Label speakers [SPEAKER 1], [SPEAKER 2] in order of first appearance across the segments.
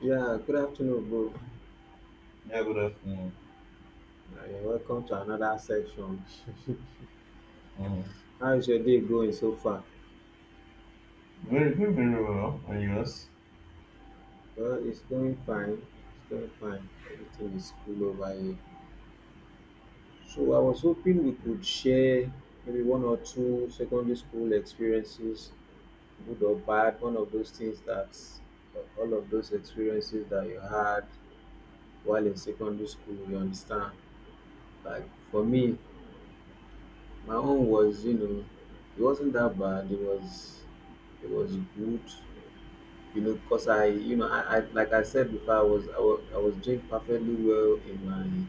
[SPEAKER 1] Yeah, good afternoon, bro.
[SPEAKER 2] Yeah, good afternoon.
[SPEAKER 1] Welcome to another section.
[SPEAKER 2] Mm.
[SPEAKER 1] How is your day going so far?
[SPEAKER 2] Very good, very well. And yours?
[SPEAKER 1] Well, it's going fine. It's going fine. Everything is cool over here. So I was hoping we could share maybe one or two secondary school experiences, good or bad. One of those things that all of those experiences that you had while in secondary school, you understand. Like for me, my own was, it wasn't that bad. It was good you know, because I, like I said before, I was doing perfectly well in my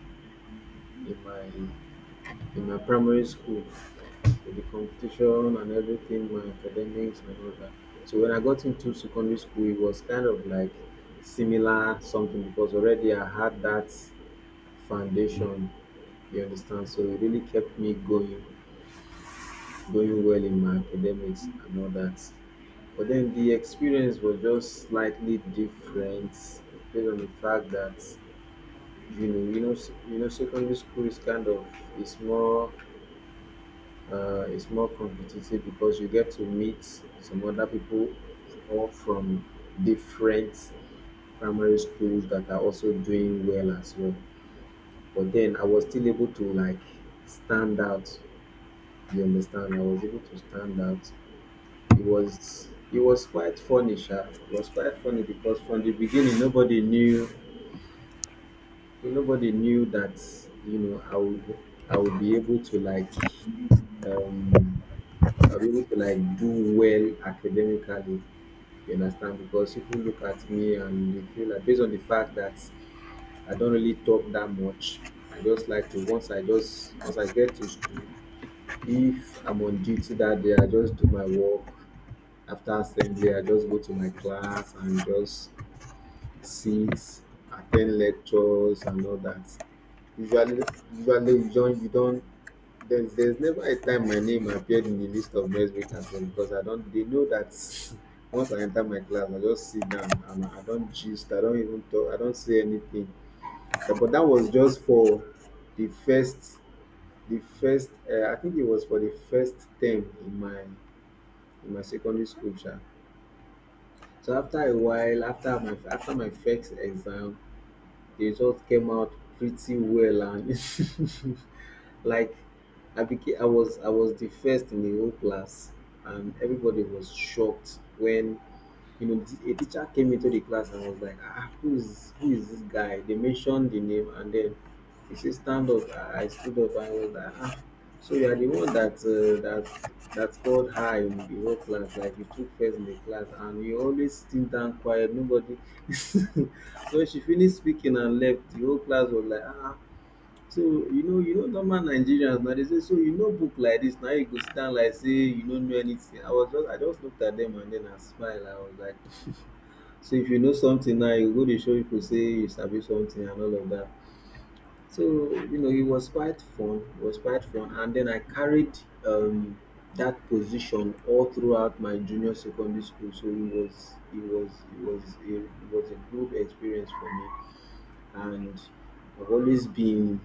[SPEAKER 1] in my in my primary school with the competition and everything, my academics and all that. So when I got into secondary school, it was kind of like similar something because already I had that foundation. You understand? So it really kept me going, going well in my academics and all that. But then the experience was just slightly different based on the fact that secondary school is kind of it's more it's more competitive because you get to meet some other people all from different primary schools that are also doing well as well. But then I was still able to like stand out. You understand? I was able to stand out. It was quite funny, sha. It was quite funny because from the beginning nobody knew that you know I would I would be able to like um I'll be able to like do well academically, you understand? Because people look at me and they feel like based on the fact that I don't really talk that much. I just like to once I just once I get to school, if I'm on duty that day, I just do my work. After assembly, I just go to my class and just sit, attend lectures and all that. Usually, usually you don't. There's never a time my name appeared in the list of next week as well because I don't. They know that once I enter my class, I just sit down and I don't gist. I don't even talk. I don't say anything. But that was just for the first, the first. I think it was for the first term in my secondary school. Sha. So after a while, after my first exam, the result came out pretty well, and like I was the first in the whole class, and everybody was shocked when you know, a teacher came into the class and was like, ah, who is this guy? They mentioned the name and then he said, stand up. I stood up and I was like, ah, so you are the one that that scored high in the whole class, like you took first in the class, and you always still down quiet, nobody. So she finished speaking and left. The whole class was like, ah. So normal Nigerians now they say, so you know, book like this now you go stand like say you don't know anything. I just looked at them and then I smiled. I was like. So if you know something now, you go dey show pipu say you sabi something and all of that. So you know, it was quite fun and then I carried um dat position all throughout my junior secondary school. So it was a good experience for me, and I've always been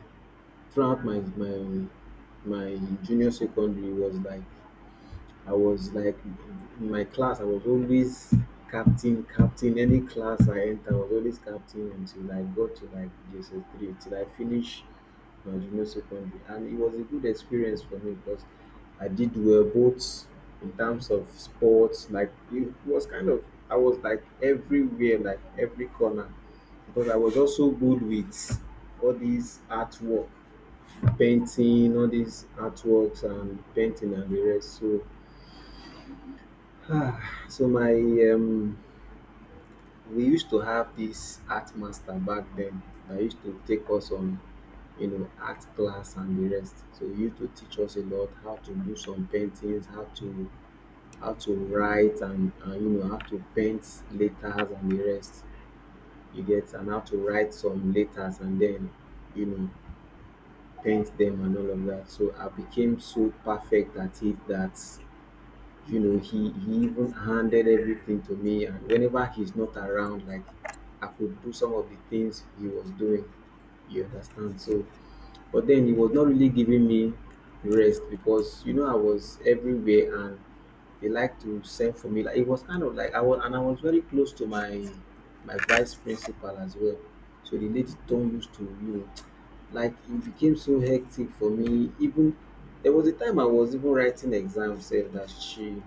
[SPEAKER 1] throughout my junior secondary. Was like I was like in my class, I was always captain, captain. Any class I enter, I was always captain until I got to like JSS3, till I finished my junior secondary. And it was a good experience for me because I did well both in terms of sports. Like it was kind of I was like everywhere, like every corner, because I was also good with all these artwork, painting, all these artworks and painting and the rest. So ah, so my um, we used to have this art master back then that used to take us on you know art class and the rest, so he used to teach us a lot how to do some paintings, how to write and you know how to paint letters and the rest, you get, and how to write some letters and then you know paint them and all of that, so I became so perfect at it that you know he even handed everything to me and whenever he's not around like I could do some of the things he was doing, you understand, so but then he was not really giving me rest because you know I was everywhere and they like to send for me, like it was kind of like I was, and I was very close to my my vice principal as well, so the lady don't used to you know like it became so hectic for me. Even there was a time I was even writing exams sef that she,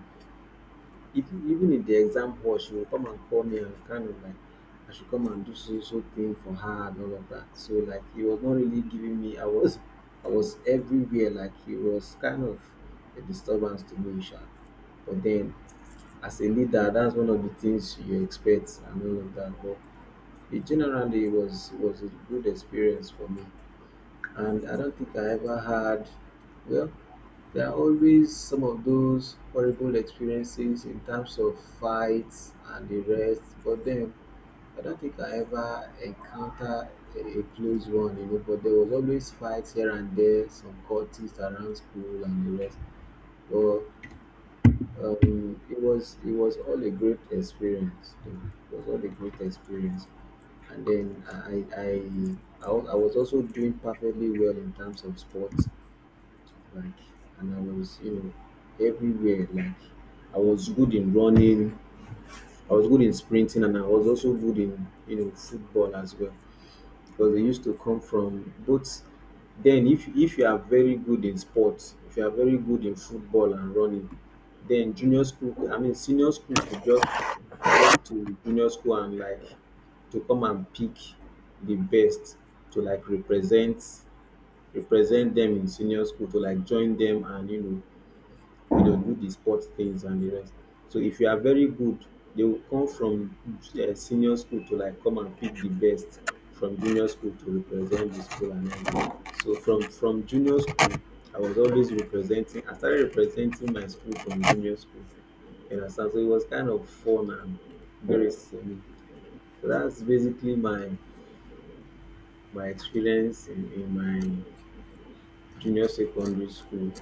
[SPEAKER 1] if even if the exam hot she go come and call me and kind of like I should come and do so so thing for her and all of that. So like he was not really giving me. I was everywhere, like he was kind of a disturbance to me sha. But then as a leader that's one of the things you expect and all of that, but in generally it was a good experience for me, and I don't think I ever had, well, there are always some of those horrible experiences in terms of fights and the rest, but then I don't think I ever encounter a close one, you know. But there was always fights here and there, some cultists around school and the rest. But it was all a great experience. Though. It was all a great experience, and then I was also doing perfectly well in terms of sports like, and I was you know everywhere, like I was good in running, I was good in sprinting, and I was also good in you know football as well because they used to come from both. Then if you are very good in sports, if you are very good in football and running, then junior school I mean senior school could just walk to junior school and like to come and pick the best to like represent them in senior school to like join them and you know, do the sport things and the rest. So if you are very good, they will come from senior school to like come and pick the best from junior school to represent the school and everything. So from junior school, I was always representing. I started representing my school from junior school. You understand? So it was kind of fun and very similar. So that's basically my my experience in my junior secondary school,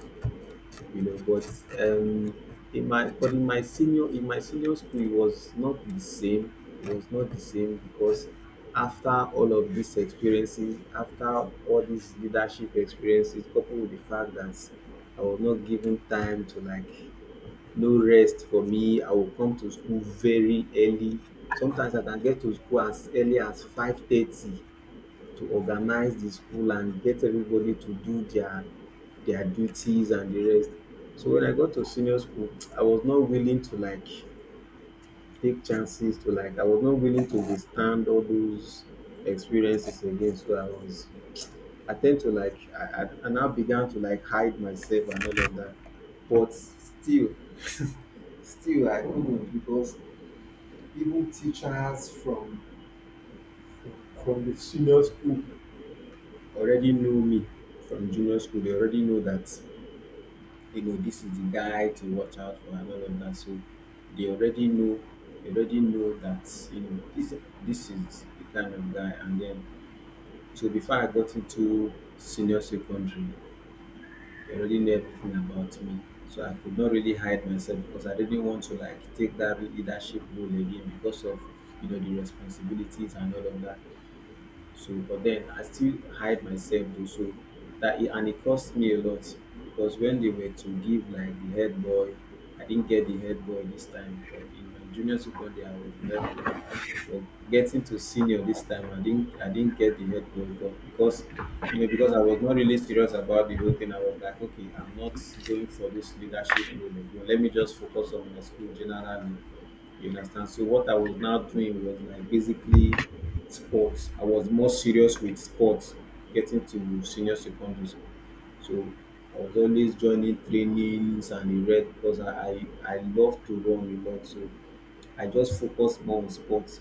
[SPEAKER 1] you know, but um in my but in my senior school it was not the same. It was not the same because after all of these experiences, after all these leadership experiences coupled with the fact that I was not given time to like no rest for me, I will come to school very early, sometimes I can get to school as early as 5:30 to organize the school and get everybody to do their duties and the rest. So when I got to senior school, I was not willing to like take chances to like I was not willing to withstand all those experiences again. So I was I tend to like I now began to like hide myself and all of that. But still still I couldn't because even teachers from the senior school already know me from junior school. They already know that, you know, this is the guy to watch out for and all of that. So they already know, they already know that, you know, this is the kind of guy. And then, so before I got into senior secondary, they already knew everything about me. So I could not really hide myself because I didn't want to like take that leadership role again because of, you know, the responsibilities and all of that. So, but then I still hide myself though. So that it, and it cost me a lot because when they were to give like the head boy, I didn't get the head boy this time. But in my junior secondary, I was the head boy. But getting to senior this time, I didn't get the head boy, but because you know because I was not really serious about the whole thing. I was like, okay, I'm not going for this leadership role. Again. Let me just focus on my school generally, you understand? So what I was now doing was like basically sports. I was more serious with sports getting to senior secondary school. So I was always joining trainings and the rest because I love to run a lot. So I just focused more on sports,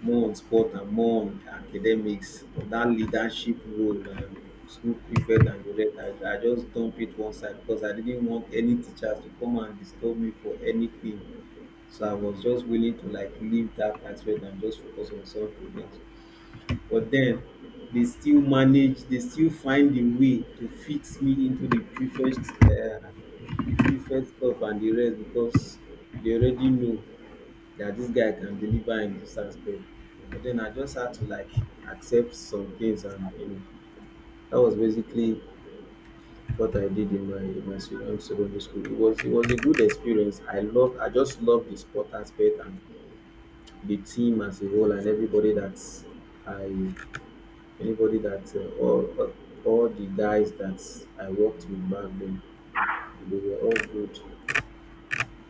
[SPEAKER 1] more on sport and more on academics. But that leadership role and school prefect and the rest, I just dump it one side because I didn't want any teachers to come and disturb me for anything. So I was just willing to like leave that aspect and just focus on something else. But then they still find a way to fix me into the prefect stuff and the rest because they already know that this guy can deliver in this aspect. But then I just had to like accept some things, and you know that was basically what I did in my secondary secondary school. It was a good experience. I just love the sport aspect and the team as a whole and everybody that I, anybody that, all the guys that I worked with back then, they were all good.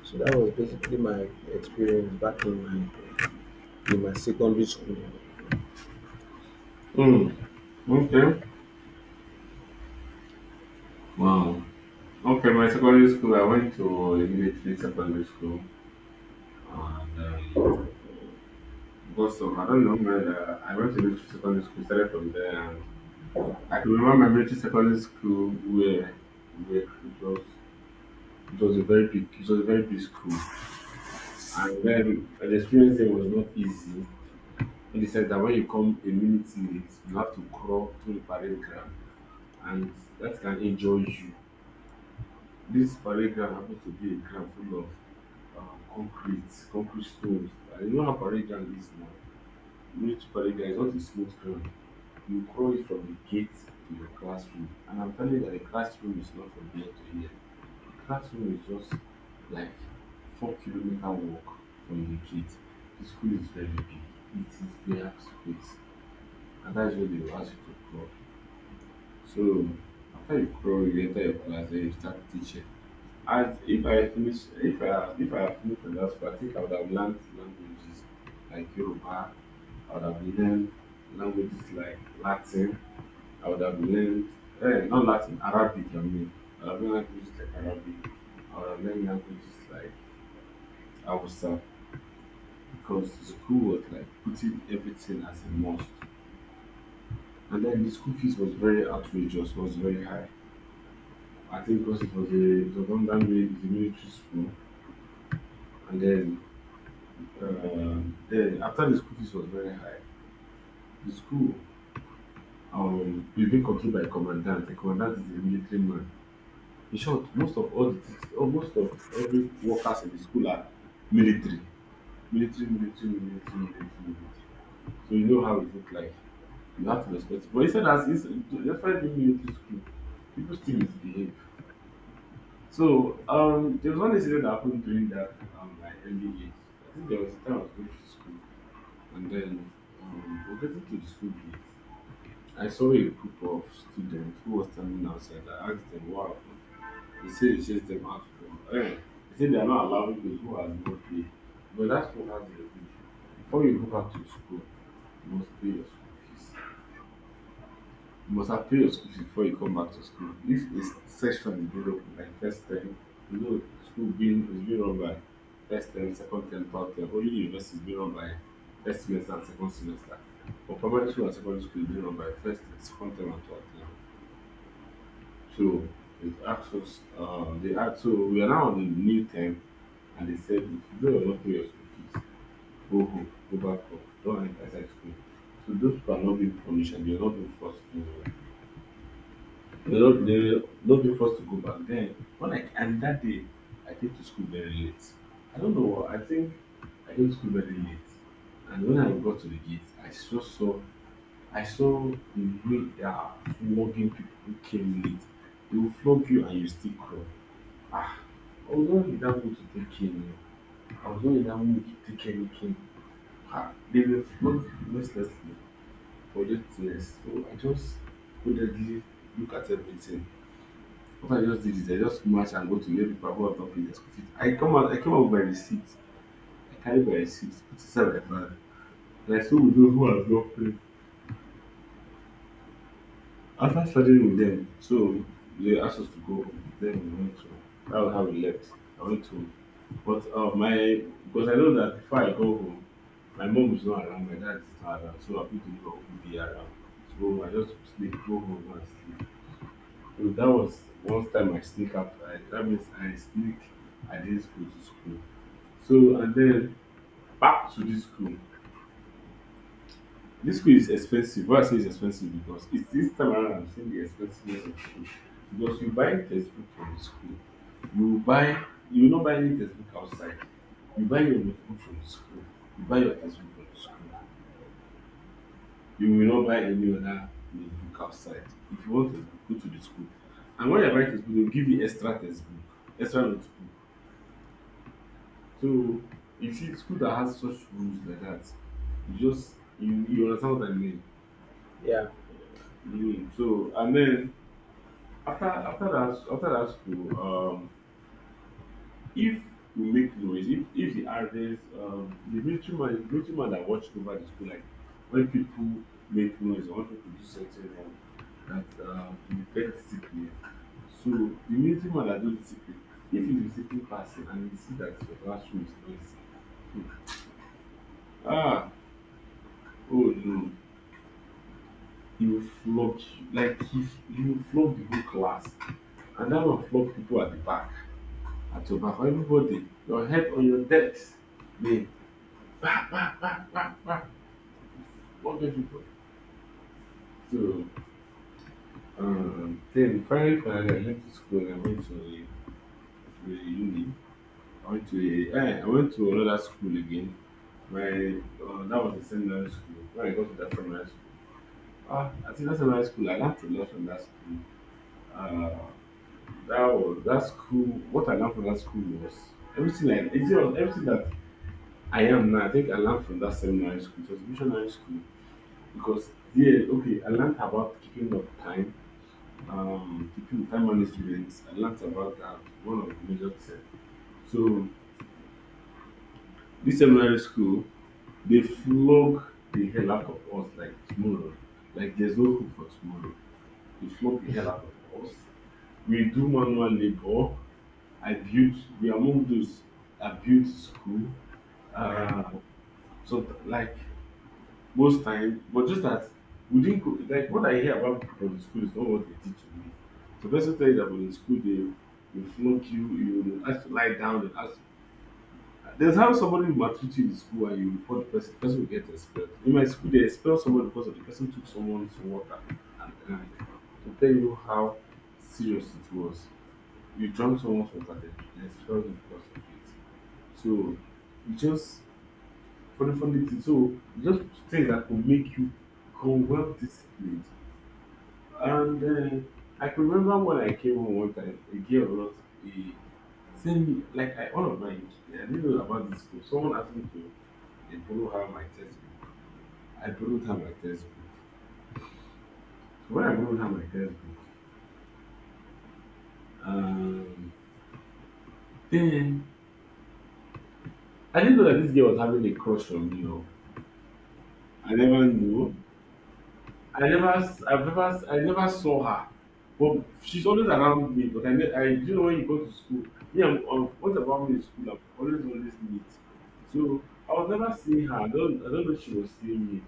[SPEAKER 1] So that was basically my experience back in my secondary school.
[SPEAKER 2] Mm, okay. Wow. Okay, my secondary school, I went to a military secondary school. And because of, I don't know, whether I went to military secondary school, started from there. And I can remember my military secondary school where it was a very big, it was a very big school. And then the experience there was not easy in the sense that when you come a minute late, you have to crawl through the parade ground. And that can injure you. This parade ground happens to be a ground full of concrete, concrete stones. And you know how parade ground is now. Military parade ground is not a smooth ground. You crawl it from the gate to your classroom. And I'm telling you that the classroom is not from here to here. The classroom is just like 4 kilometer walk from the gate. The school is very big. It is their space. And that's where they will ask you to crawl. So after you crawl, you enter your class, then you start teaching. As if I finish, if I had finished from that school, I think I would have learned languages like Yoruba. I would have learned languages like Latin. I would have learned not Latin, Arabic. I mean, I would have learned languages like Arabic. I would have learned languages like Hausa because the school was like putting everything as a must. And then the school fees was very outrageous, was very high. I think because it was a it was done that way it's a military school, and then after the school fees was very high, the school is being controlled by a commandant. The commandant is a military man. In short, most of all the teachers, almost of every workers in the school are military, military, military, military, military, military. So you know how it look like. You have to respect it. But instead, as it's despite being military school, people still misbehave. So there was one incident that happened during that my early age. I think there was a time I was going to school, and then we were getting to the school gate. I saw a group of students who were standing outside. I asked them what happened. They said it's just them out for. Eh. They said they are not allowing those who has no pay. But that's what has the rule. Before you go back to school, you must pay your school fees. You must have paid your school fees before you come back to school. If a section is being open like first term, you know school being is being run by first term, second term, third term. Only university is being run by first semester and second semester. But primary school and secondary school is being run by first term, second term and third term. So it asked us they asked so we are now on the new term and they said if you don't not pay your school fees, go home, go back home, don't enter inside school. So those people are not being punished and they are not being forced to they love me forced to go back. Then when I and that day I came to school very late. I don't know what I think I came to school very late. And when I got to the gate, I saw I saw the way they are flogging people who came late. They will flog you and you still crawl. Ah, I was not in that mood to take cane. Oh. I was not in that mood to take any cane. Ah, they were flogged mercilessly for just things. So I just couldn't look at everything. What I just did is I just match and go to where people who have not paid their school fees. I come out, I came out with my receipt. I carried my receipt, put it inside my bag, and I still with those who have not paid. After studying with them, so they asked us to go home. Then we went to. That was how we left. I went to, but my because I know that before I go home, my mom is not around, my dad is not around, so I put the will be around. So I just sleep, go home and sleep. So that was one time I sneak out. I, that means I sneak. I didn't school to school. So and then back to this school. This school is expensive. Why I say it's expensive because it's this time around I'm saying the expensiveness of school. Because you buy textbook from the school, you buy you will not buy any textbook outside. You buy your notebook from the school. You buy your textbook from the school. You will not buy any other notebook outside. If you want textbook, go to the school. And when you buy textbook, they'll give you extra textbook, extra notebook. So you see, school that has such rules like that, you just you, you understand what I mean.
[SPEAKER 1] Yeah,
[SPEAKER 2] You, so and then after that after that school, if you make noise, if the others, the military man that watch over the school, like when people make noise or when people do something wrong, that you get discipline. So the military man that do discipline, if he's a discipline person and he see that your classroom is noisy, hmm, ah, oh no he will flog you. Like he will flog the whole class. And that will flog people at the back, at your back, everybody, your head on your decks. They ah, ah, flog everybody. So then finally I left the school and I went to a uni. I went to a I went to another school again. My that was a seminary school. When I got to that seminary school. Ah, I think that seminary school I learned a lot from that school. Uh That was that school. What I learned from that school was everything. I it was everything that I am now. I think I learned from that seminary school. It was missionary school because yeah, okay. I learned about keeping of time, keeping time management. I learned about that one of the major things. So this seminary school, they flog the hell out of us like tomorrow. Like there's no hope for tomorrow. They flog the hell out of us. We do manual labor I built we are among those that built school. Uh, so like most time, but just that we didn't go, like what I hear about people from the school is not what they did to me. So, the person tell you that from the school they will flunk you, you will ask to lie down, they ask there's how somebody will maltreat you in the school and you report the person will get expelled. In my school, they expel somebody because of the person took someone's water and drank. To tell you how serious it was. You drank someone's water, they expelled you because of it. So it's just funny, funny thing. So just things that could make you become well disciplined. And I can remember when I came home one time, a girl not a sent me like I one of my I didn't know about this school. Someone asked me to they borrow her my textbook. I borrowed her my textbook. So when I borrowed her my textbook, um, then I didn't know that this girl was having a crush on me. Or I never knew. I never, I've never, I never saw her, but she's always around me. But I, I do you know when you go to school, me, I'm, what about me in school? I'm always, always late. So I was never seeing her. I don't know if she was seeing me.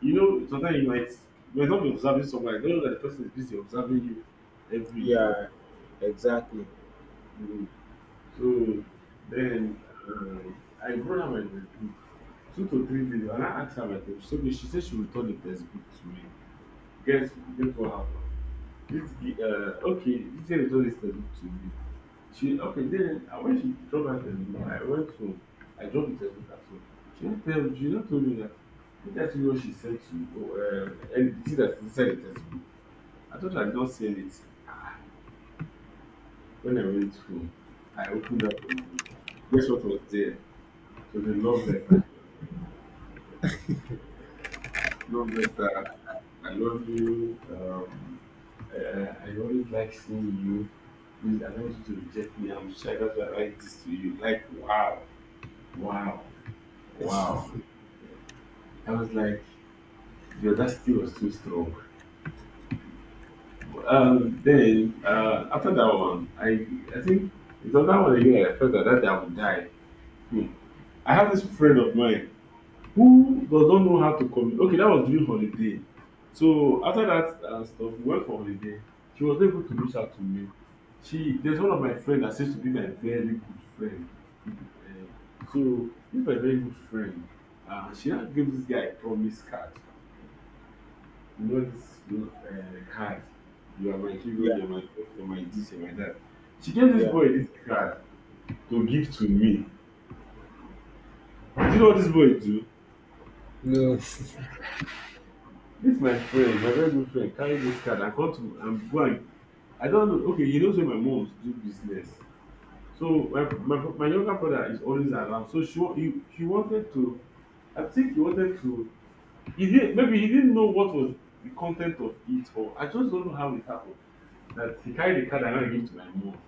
[SPEAKER 2] You know, sometimes you might not be observing someone. I don't know that the person is busy observing you every day.
[SPEAKER 1] yeah, exactly.
[SPEAKER 2] Mm. So then um, I brought her my textbook, two to three days, and I asked her my textbook. So she said she will return the textbook to me. Guess, guess what happened? This okay, this girl is what this textbook to me. She okay then when she drop her textbook, I went home. I dropped the textbook at home. She not tell she not told me that. Did that you what she sent to you? Oh, and the thing that's inside the textbook. I thought I did not see anything. When I went home, I opened up the- Guess what was there? So the love letter. Love letter. I love you. I always like seeing you. Please, I don't want you to reject me. I'm sure that's why I write this to you. Like, wow, wow, wow. I was like, the audacity was too strong. Then after that one, I think it's on that one again. I felt that I would die. Hmm. I have this friend of mine. Who doesn't know how to commu okay that was during holiday. So after that stuff we went for holiday. She was not able to reach out to me. She there's one of my friend that seems to be my very good friend. um So this my very good friend she now give this guy a promise card. You know this card, you are my hero, you
[SPEAKER 1] Yeah,
[SPEAKER 2] are my, you are my this, you are my that. She gave this
[SPEAKER 1] yeah.
[SPEAKER 2] boy this card to give to me. Do you know what this boy do?
[SPEAKER 1] No,
[SPEAKER 2] This my friend, my very good friend, carry this card and come to and go and I don't know. Okay, he knows where my mom do business. So my younger brother is always around. So she wa- he wanted to, I think he wanted to, he did, maybe he didn't know what was the content of it, or I just don't know how it happened. That he carried the card and I gave to my mom.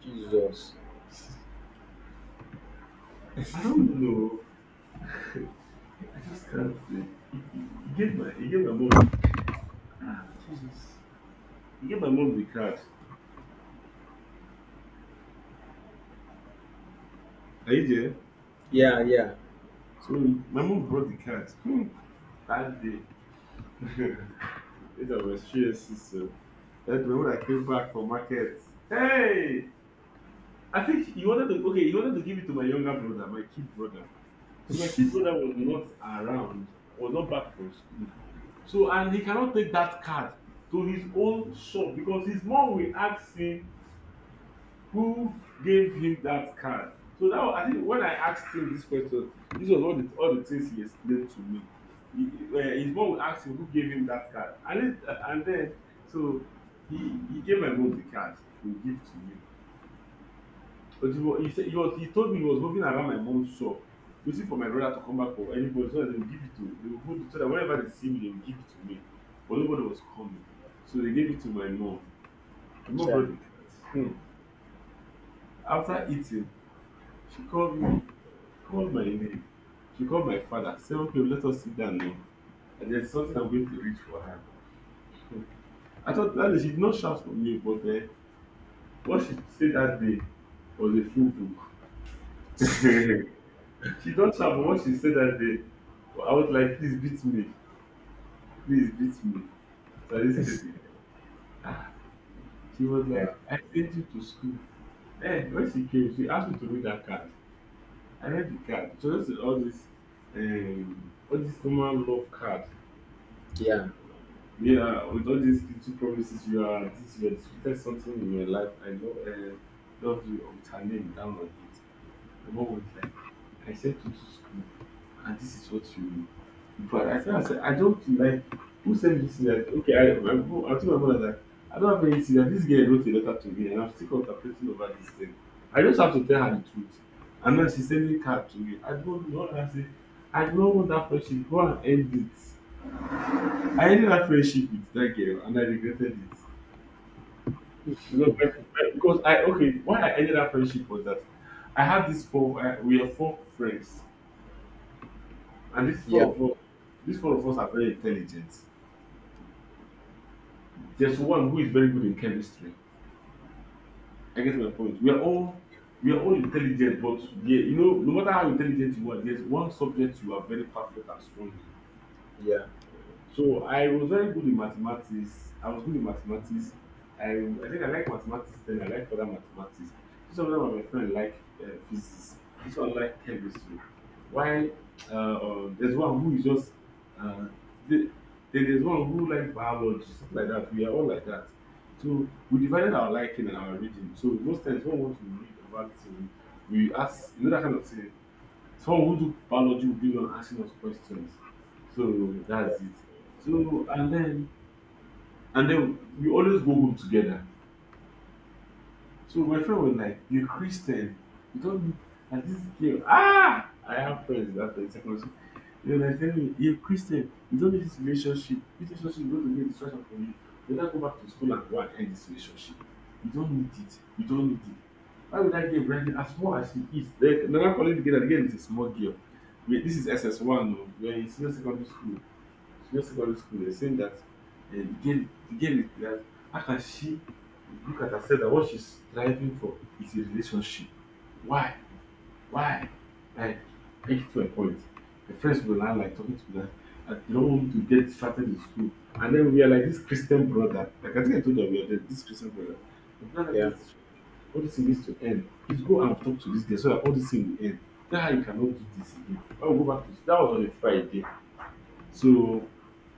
[SPEAKER 1] Jesus.
[SPEAKER 2] I don't know. I just can't say. He gave my, he gave my mom, ah Jesus. He gave my mom the card. Are you there?
[SPEAKER 1] Yeah, yeah,
[SPEAKER 2] So my mom brought the card. Hmm. That day it was CSC, so that day when I came back from market, hey, I think he wanted to, okay he wanted to give it to my younger brother, my kid brother. So my kid brother was not around, was not back from school. So and he cannot take that card to his own shop because his mom will ask him who gave him that card. So now I think when I asked him this question, this was all the things he explained to me. He his mom would ask him who gave him that card, and then so he he gave my mom the card to give to me. But he was, he said, he was, he told me he was moving around my mom's shop, waiting for my brother to come back for anybody so that they will give it to, they will hold it so that whenever they see me they will give it to me. But nobody was coming, so they gave it to my mom. My mom
[SPEAKER 1] sure.
[SPEAKER 2] brought the card. Hmm. After eating, she called me, called my name. She called my father, said, okay, let us sit down now. And there's something I'm going to reach for her. I thought that day she did not shout for me, but what she said that day was a full book. She don't shout, but what she said that day, well, I was like, please beat me, please beat me. So in this case, she was
[SPEAKER 1] Wow.
[SPEAKER 2] like, I sent you to school. Eh, when she came, she asked me to read that card. I read the card. She was all this normal love card.
[SPEAKER 1] Yeah,
[SPEAKER 2] Yeah, with all these little promises, you are this, you are disputed something in your life. I love you, with her name down on it. And what was like, I sent you to school, and this is what you. But I think I said I don't like who sent this letter. Okay, I my I told my mother that I don't have any serious. This girl wrote a letter to me, and I'm still contemplating over this thing. I just have to tell her the truth. And now she's sending card to me. I don't know. I say I don't want that friendship. Go and end it. I ended that friendship with that girl and I regretted it. Because, like, because I, okay, why I ended that friendship was that I had we are four friends, and these four
[SPEAKER 1] yeah,
[SPEAKER 2] of us these four of us are very intelligent. There's one who is very good in chemistry. I get my point. We are all, we are all intelligent, but yeah, you know, no matter how intelligent you are, there's one subject you are very perfect and strong in.
[SPEAKER 1] yeah,
[SPEAKER 2] So I was very good in mathematics. I was good in mathematics. I think I like mathematics, then I like further mathematics. So some of my friends like physics. This one like chemistry. Why there's one who is just uh, the, then there's one who like biology, stuff like that. We are all like that. So we divided our liking and our reading. So most times when we want to read about thing, we ask, you know, that kind of thing, so who took biology will be on asking us questions. So that's it. So and then we always go home together. So my friend was like, you're Christian. You don't need, and this girl. Ah, I have friends that are in secondary school. They were like telling me, you're Christian, you don't need this relationship. This relationship is going to be a distraction for you. Better go back to school and go and end this relationship. You don't need it. You don't need it. Why would I get branded as small as she is? Like another colleague together, the girl is a small girl. Wait, this is SS1, no? We're in senior secondary school, they were saying that the game is that how can she look at herself, that what she's striving for is a relationship. why why, like, I get to a point, my friends were now like talking to me that I don't want to get started in school, and then we are like this Christian brother, like I think I told you we are there, this Christian brother, and now that
[SPEAKER 1] yeah.
[SPEAKER 2] this all this thing needs to end, please go and talk to this girl so that all this thing will end, tell her you cannot do this again, I will go back to, that was on a Friday. So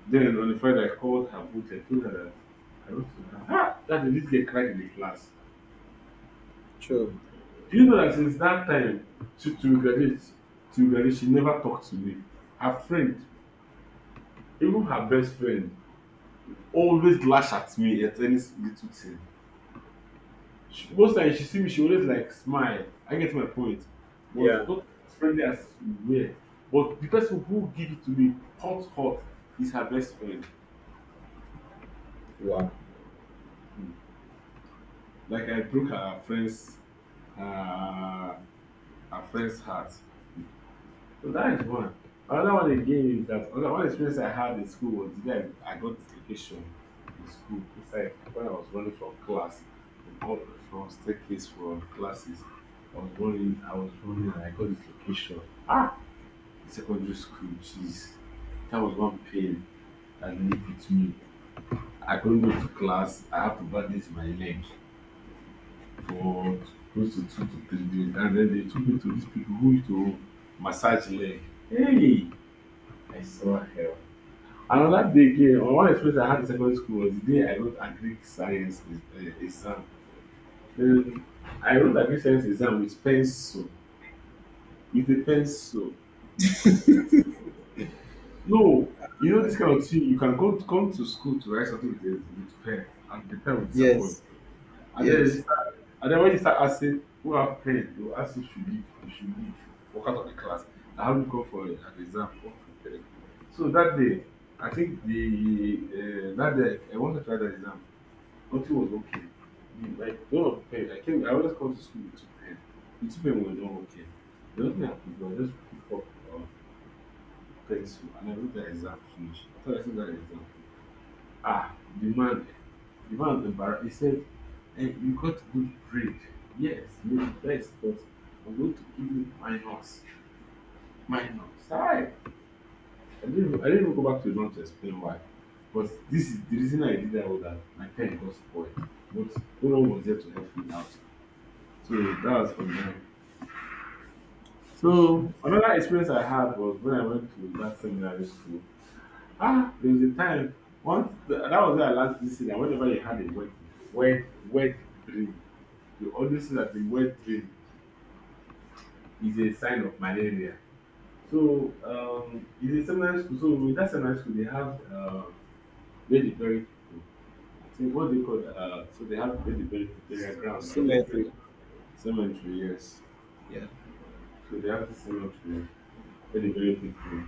[SPEAKER 2] then on the Friday, I called her both and told her that I wrote to her, ah, that this girl cried in the class.
[SPEAKER 1] True.
[SPEAKER 2] Do you know that since that time, she, to graduate, to graduate, she never talked to me. Her friend, even her best friend, always lash at me at any little thing. She, most times she see me, she always like smile. I get my point. But
[SPEAKER 1] Yeah.
[SPEAKER 2] not as friendly as we were. But the person who give it to me hot, hot, is her best friend.
[SPEAKER 1] Wow.
[SPEAKER 2] Hmm. Like I broke her friend's her affects heart. So that is one. Another one again is that another one experience I had in school was that I got dislocation in school. It's like when I was running from class, from up- from staircase from classes. I was running, I was running, and I got dislocation. Ah! In secondary school, jeez. That was one pain that lived with me. I couldn't go to class. I have to bandage my leg for close to 2 to 3 days. And then they took me to these people who used to massage leg. Hey, I saw hell. Another day again, on one experience I had in secondary school was the day I wrote a Greek exam. Then I wrote a Greek science exam with pencil. With a pencil. No, you know this kind of thing, you can go, come to school to write something with, a, with pen, and the pen will disappoint.
[SPEAKER 1] Yes,
[SPEAKER 2] And then you
[SPEAKER 1] yes.
[SPEAKER 2] start, and then when you start asking who have pen, they will ask you should leave, walk out of the class. And how you come for an exam unprepared? So that day, I think the that day I wanted to write that exam, nothing was okay. The, like none of the pen. I always come to school with two pen. The two pen were not okay. The only thing I could do, I just pick up uh, pencil and I wrote the exam finish. After I think that exam finish. Ah, the man was embarrassed. He said, hey, "You got good grade. Yes, you're the best, but I'm going to give you minus, minus." Hi. I didn't even go back to John to explain why. But this is the reason I did that, was that my pen got spoiled. But no one was there to help me out. So that was for me. So another experience I had was when I went to that seminary school. Ah, there was a time once the, that was where I last this year. Whenever you had a wet, wet, wet dream, you always say that the wet dream is a sign of malaria. So it's a seminary school. So with that seminary school, they have where they bury people. I think what they call so they have where they bury people, burial ground. They call it,
[SPEAKER 1] Symmetry.
[SPEAKER 2] cemetery, yes.
[SPEAKER 1] Yeah,
[SPEAKER 2] So they have this cemetery where they bury people.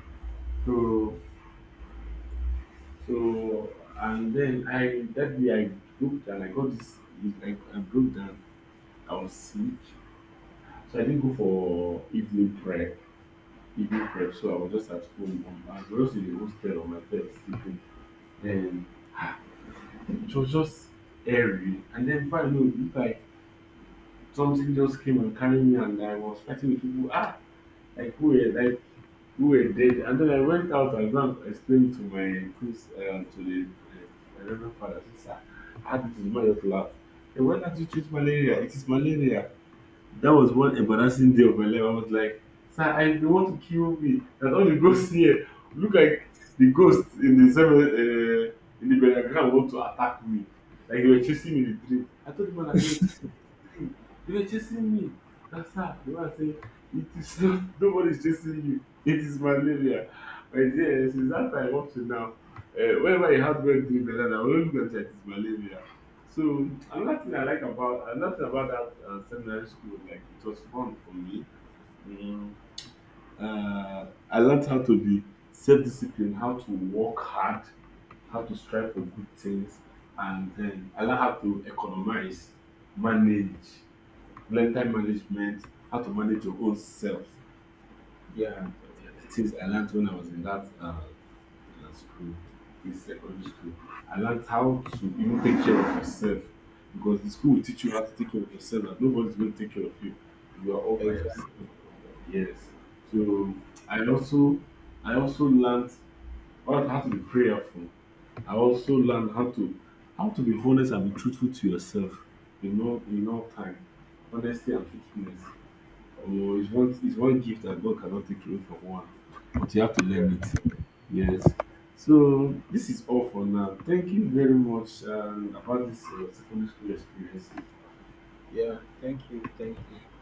[SPEAKER 2] So, so and then, I, that day I broke down. I got this. I broke down. I was sick, so I didn't go for evening prep. Evening prep. So I was just at home. On, I was just in the hostel on my bed sleeping. Then it was just airy. And then before I know, it looked like something just came and carried me, and I was fighting with people. Ah, like who? Like who were dead. And then I went out and go and explained to my priest, to the Reverend Father. I said, sir, how did this man just laugh? Hey, why do not you treat malaria? It is malaria. That was one embarrassing day of my life. I was like, sir, I, they want to kill me. And all the ghosts here look like the ghosts in the seven in the Benagram want to attack me. Like they were chasing me in the dream. I told the man that they were chasing me in the dream. They were chasing me. That's how the man said, it is not, nobody's chasing you. It is malaria. My dear, since that time up to now, whenever I had one dream like that, I will look at it, it's malaria. So another thing about that seminary school, like it was fun for me. Mm. I learned how to be self-disciplined, how to work hard, how to strive for good things, and then I learned how to economize, manage, learn time management, how to manage your own self.
[SPEAKER 1] yeah,
[SPEAKER 2] The things I learned when I was in that that's cool. In secondary school, I learned how to even take care of yourself, because the school will teach you how to take care of yourself and nobody's going to take care of you. You are all by yourself.
[SPEAKER 1] exactly.
[SPEAKER 2] Yes. So I also I also learned how to be prayerful. I also learned how to be honest and be truthful to yourself in all time. Honesty and truthfulness. Oh, it's one gift that God cannot take away from one, but you have to
[SPEAKER 1] Yeah,
[SPEAKER 2] learn it. Yes. So this is all for now. Thank you very much, about this secondary school experience.
[SPEAKER 1] yeah. Thank you, thank you.